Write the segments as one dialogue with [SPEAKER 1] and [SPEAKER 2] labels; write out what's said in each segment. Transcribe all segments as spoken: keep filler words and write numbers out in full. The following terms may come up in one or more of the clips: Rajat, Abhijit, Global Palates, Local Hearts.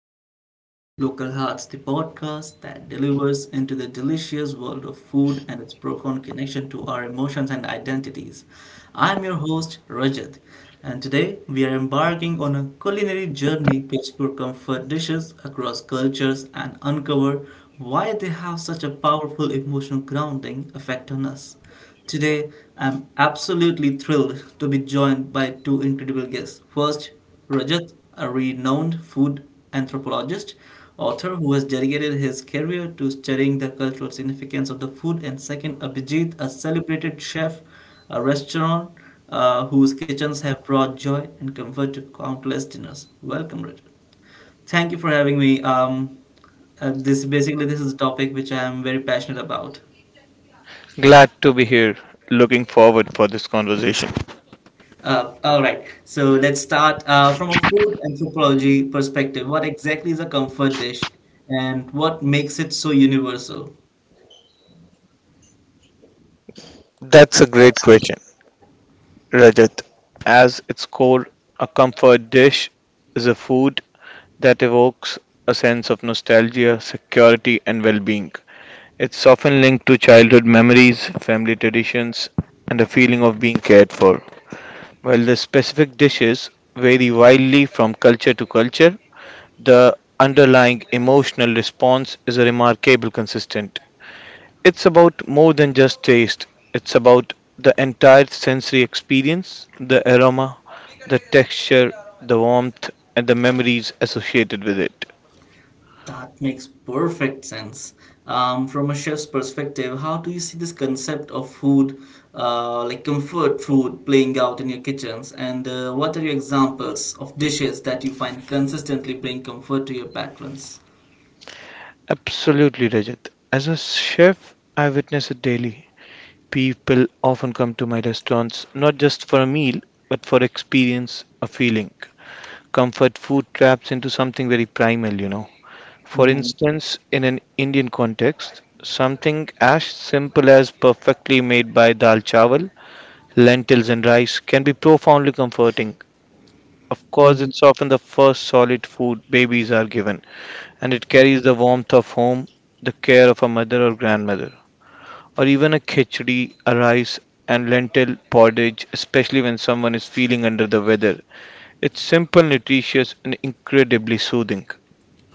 [SPEAKER 1] Global Palates, Local Hearts, the podcast that delivers into the delicious world of food and its profound connection to our emotions and identities. I'm your host, Rajat, and today we are embarking on a culinary journey to explore comfort dishes across cultures and uncover why they have such a powerful emotional grounding effect on us. Today, I'm absolutely thrilled to be joined by two incredible guests. First, Rajat, a renowned food anthropologist, author who has dedicated his career to studying the cultural significance of the food, and second, Abhijit, a celebrated chef, a restaurant uh, whose kitchens have brought joy and comfort to countless dinners. Welcome, Rajat. Thank you for having me. Um, uh, this basically this is a topic which I am very passionate about.
[SPEAKER 2] Glad to be here. Looking forward for this conversation.
[SPEAKER 1] Uh, all right. So let's start uh, from a food anthropology perspective. What exactly is a comfort dish and what makes it so universal?
[SPEAKER 2] That's a great question, Rajat. As its core, a comfort dish is a food that evokes a sense of nostalgia, security, and well-being. It's often linked to childhood memories, family traditions, and a feeling of being cared for. While the specific dishes vary wildly from culture to culture, the underlying emotional response is a remarkable consistent. It's about more than just taste, it's about the entire sensory experience the aroma, the texture, the warmth, and the memories associated with it.
[SPEAKER 1] That makes perfect sense. Um, from a chef's perspective, how do you see this concept of food, uh, like comfort food, playing out in your kitchens? And uh, what are your examples of dishes that you find consistently bring comfort to your patrons?
[SPEAKER 2] Absolutely, Rajat. As a chef, I witness it daily. People often come to my restaurants not just for a meal, but for experience, a feeling. Comfort food traps into something very primal, you know. For
[SPEAKER 1] Mhm.
[SPEAKER 2] instance, in an Indian context, something as simple as perfectly made by dal chawal, lentils and rice can be profoundly comforting. Of course, it's often the first solid food babies are given, and it carries the warmth of home, the care of a mother or grandmother, or even a khichdi, a rice and lentil porridge, especially when someone is feeling under the weather. It's simple, nutritious, and incredibly soothing.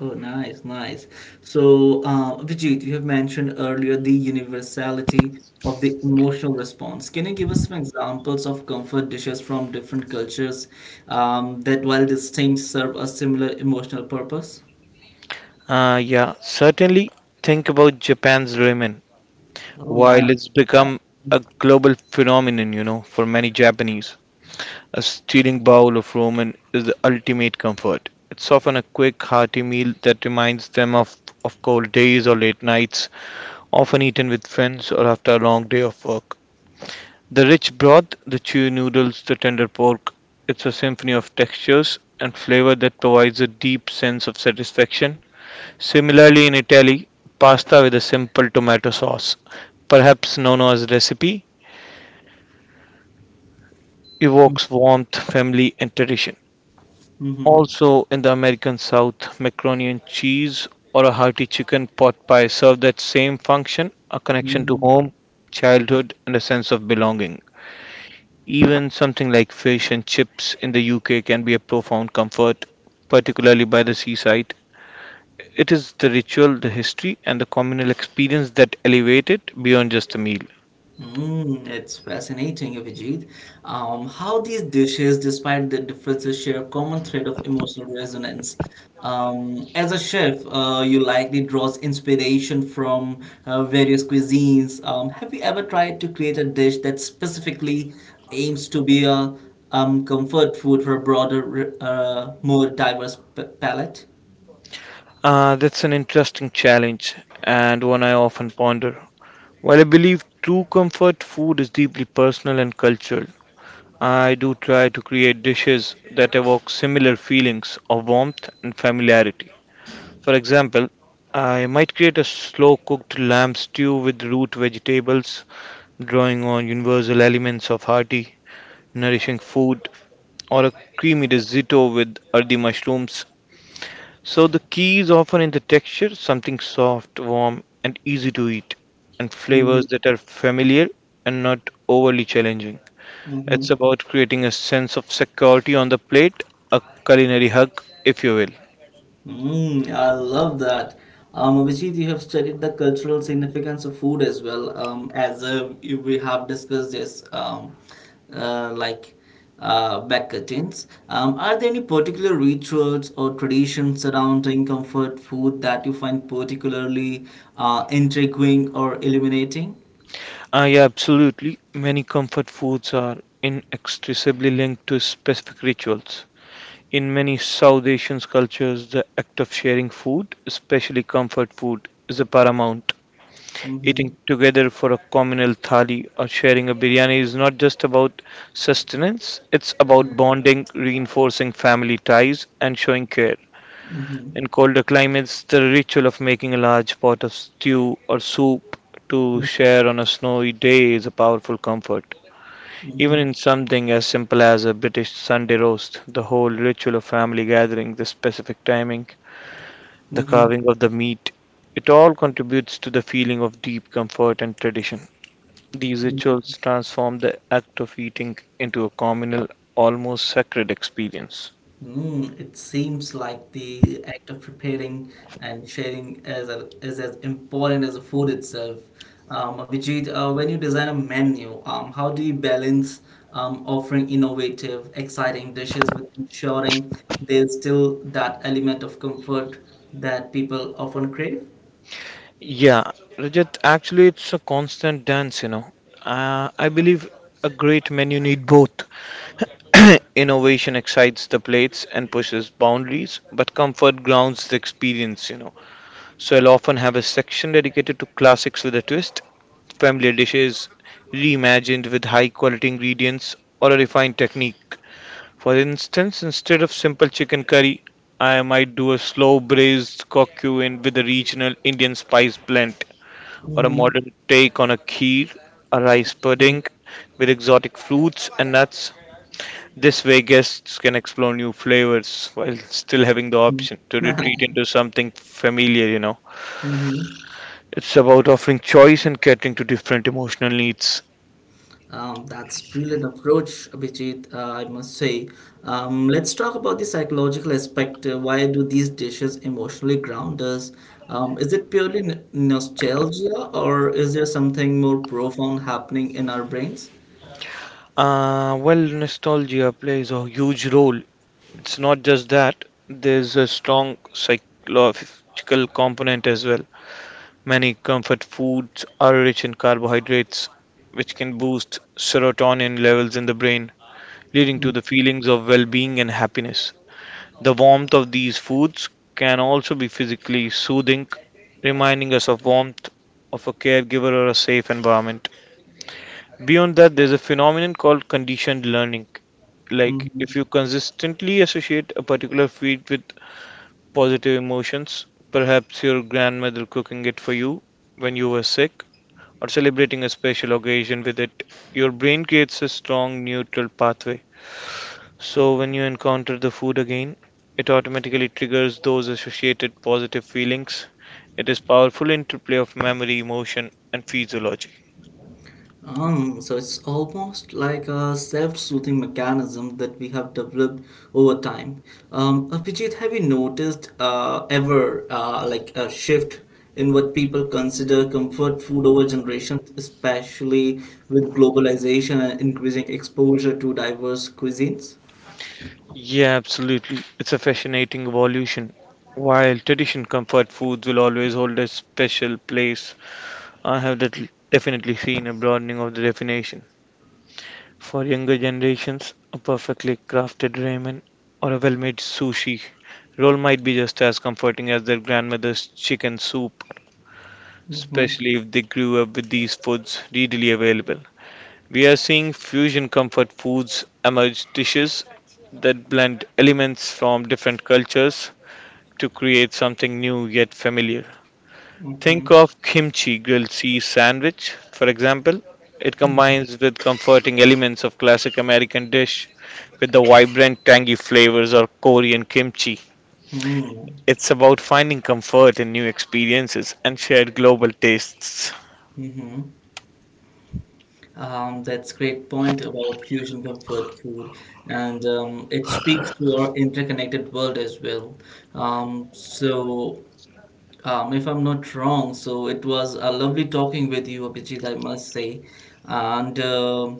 [SPEAKER 1] Oh, nice, nice. So, uh, Abhijit, you have mentioned earlier the universality of the emotional response. Can you give us some examples of comfort dishes from different cultures um, that, while distinct, serve a similar emotional purpose?
[SPEAKER 2] Uh, yeah, certainly think about Japan's ramen.
[SPEAKER 1] Oh,
[SPEAKER 2] While
[SPEAKER 1] nice.
[SPEAKER 2] it's
[SPEAKER 1] Yeah.
[SPEAKER 2] become a global phenomenon, you know, for many Japanese, a steaming bowl of ramen is the ultimate comfort. It's often a quick, hearty meal that reminds them of, of cold days or late nights, often eaten with friends or after a long day of work. The rich broth, the chewy noodles, the tender pork, it's a symphony of textures and flavor that provides a deep sense of satisfaction. Similarly, in Italy, pasta with a simple tomato sauce, perhaps known as recipe, evokes warmth, family, and tradition.
[SPEAKER 1] Mm-hmm.
[SPEAKER 2] Also, in the American South, macaroni and cheese or a hearty chicken pot pie serve that same function a connection to
[SPEAKER 1] Mm-hmm.
[SPEAKER 2] home, childhood, and a sense of belonging. Even something like fish and chips in the U K can be a profound comfort, particularly by the seaside. It is the ritual, the history, and the communal experience that elevate it beyond just a meal.
[SPEAKER 1] Mm, it's fascinating, Abhijit. Um, how these dishes, despite their differences, share a common thread of emotional resonance. Um, as a chef, uh, you likely draws inspiration from uh, various cuisines. Um, have you ever tried to create a dish that specifically aims to be a um, comfort food for a broader, uh, more diverse p palette?
[SPEAKER 2] Uh, that's an interesting challenge and one I often ponder. While I believe true comfort food is deeply personal and cultural, I do try to create dishes that evoke similar feelings of warmth and familiarity. For example, I might create a slow cooked lamb stew with root vegetables, drawing on universal elements of hearty, nourishing food or a creamy risotto with earthy mushrooms. So the key is often in the texture, something soft, warm, and easy to eat, and flavors that are familiar and not overly challenging. It's
[SPEAKER 1] Mm-hmm.
[SPEAKER 2] about creating a sense of security on the plate, a culinary hug, if you will.
[SPEAKER 1] Mm, I love that. Um, Abhijit, you have studied the cultural significance of food as well. Um, as uh, you- we have discussed this, um, uh, like uh, back curtains. Um, are there any particular rituals or traditions surrounding comfort food that you find particularly uh, intriguing or illuminating?
[SPEAKER 2] Ah, yeah, absolutely. Many comfort foods are inextricably linked to specific rituals. In many South Asian cultures, the act of sharing food, especially comfort food, is a paramount. Eating
[SPEAKER 1] Mm-hmm.
[SPEAKER 2] together for a communal thali or sharing a biryani is not just about sustenance, it's about bonding, reinforcing family ties, and showing care.
[SPEAKER 1] Mm-hmm. Mm-hmm.
[SPEAKER 2] In colder climates, the ritual of making a large pot of stew or soup to share on a snowy day is a powerful comfort. Even
[SPEAKER 1] Mm-hmm.
[SPEAKER 2] in something as simple as a British Sunday roast, the whole ritual of family gathering, the specific timing, the
[SPEAKER 1] Mm-hmm.
[SPEAKER 2] carving of the meat, it all contributes to the feeling of deep comfort and tradition. These rituals transform the act of eating into a communal, almost sacred experience.
[SPEAKER 1] Mm, it seems like the act of preparing and sharing is, a, is as important as the food itself. Um, Abhijit, uh, when you design a menu, um, how do you balance um, offering innovative, exciting dishes with ensuring there's still that element of comfort that people often crave?
[SPEAKER 2] Yeah, Rajat, actually, it's a constant dance, you know. Uh, I believe a great menu need both. Innovation excites the plates and pushes boundaries, but comfort grounds the experience, you know. So I'll often have a section dedicated to classics with a twist, familiar dishes reimagined with high quality ingredients or a refined technique. For instance, instead of simple chicken curry, I might do a slow braised cocktail in with a regional Indian spice blend, or a
[SPEAKER 1] Mhm.
[SPEAKER 2] modern take on a kheer, a rice
[SPEAKER 1] Mhm.
[SPEAKER 2] pudding with exotic fruits and nuts. This way, guests can explore new flavors while still having the option to retreat into something familiar, you know.
[SPEAKER 1] Mhm.
[SPEAKER 2] It's about offering choice and catering to different emotional needs.
[SPEAKER 1] Um, that's brilliant approach, Abhijit, uh, I must say. Um, let's talk about the psychological aspect. Uh, Why do these dishes emotionally ground us? Um, is it purely n nostalgia, or is there something more profound happening in our brains?
[SPEAKER 2] Uh, well, nostalgia plays a huge role. It's not just that, there's a strong psychological component as well. Many comfort foods are rich in carbohydrates, which can boost serotonin levels in the brain, leading to the feelings of well being and happiness. The warmth of these foods can also be physically soothing, reminding us of warmth of a caregiver or a safe environment. Beyond that, there's a phenomenon called conditioned learning like
[SPEAKER 1] Mm-hmm.
[SPEAKER 2] if you consistently associate a particular feed with positive emotions. Perhaps your grandmother cooking it for you when you were sick, or celebrating a special occasion with it. Your brain creates a strong neutral pathway. So when you encounter the food again, it automatically triggers those associated positive feelings. It is powerful interplay of memory, emotion, and physiology.
[SPEAKER 1] Um, so it's almost like a self-soothing mechanism that we have developed over time. Um, Abhijit, have you noticed uh, ever uh, like a shift in what people consider comfort food over generations, especially with globalization and increasing exposure to diverse cuisines?
[SPEAKER 2] Yeah, absolutely. It's a fascinating evolution. While tradition comfort foods will always hold a special place, I have det- definitely seen a broadening of the definition. For younger generations, a perfectly crafted ramen or a well made sushi roll might be just as comforting as their grandmother's chicken soup,
[SPEAKER 1] Mm-hmm,
[SPEAKER 2] especially if they grew up with these foods readily available. We are seeing fusion comfort foods emerge, dishes that blend elements from different cultures to create something new yet familiar.
[SPEAKER 1] mm-hmm,
[SPEAKER 2] Think of kimchi grilled cheese sandwich, for example. It combines with comforting elements of classic American dish with the vibrant tangy flavors of Korean kimchi. It's about finding comfort in new experiences and shared global tastes.
[SPEAKER 1] mm-hmm. Um, that's great point about fusion comfort food, and um, it speaks to our interconnected world as well. Um, so, um, if I'm not wrong, so it was a lovely talking with you, Abhijit, I must say, and um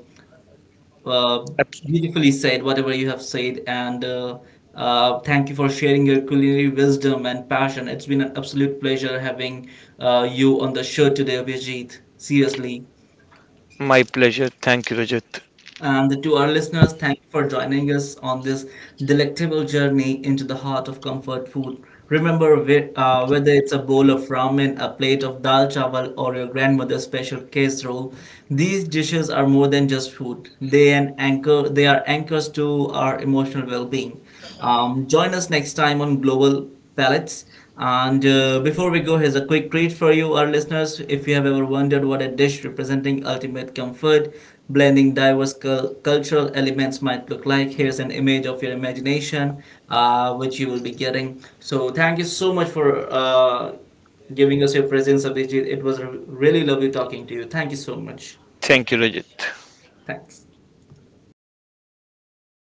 [SPEAKER 1] uh,
[SPEAKER 2] Abs-
[SPEAKER 1] beautifully said whatever you have said, and uh, uh, thank you for sharing your culinary wisdom and passion. It's been an absolute pleasure having uh, you on the show today, Abhijit. Seriously.
[SPEAKER 2] My pleasure. Thank you, Rajat.
[SPEAKER 1] And to our listeners, thank you for joining us on this delectable journey into the heart of comfort food. Remember, whe- uh, whether it's a bowl of ramen, a plate of dal chawal, or your grandmother's special casserole, these dishes are more than just food. They an anchor. They are anchors to our emotional well-being. Um, join us next time on Global Palettes. And uh, before we go, here's a quick treat for you, our listeners. If you have ever wondered what a dish representing ultimate comfort, blending diverse cul- cultural elements might look like, here's an image of your imagination, uh, which you will be getting. So, thank you so much for uh, giving us your presence, Abhijit. It was r- really lovely talking to you. Thank you so much.
[SPEAKER 2] Thank you, Rajat.
[SPEAKER 1] Thanks.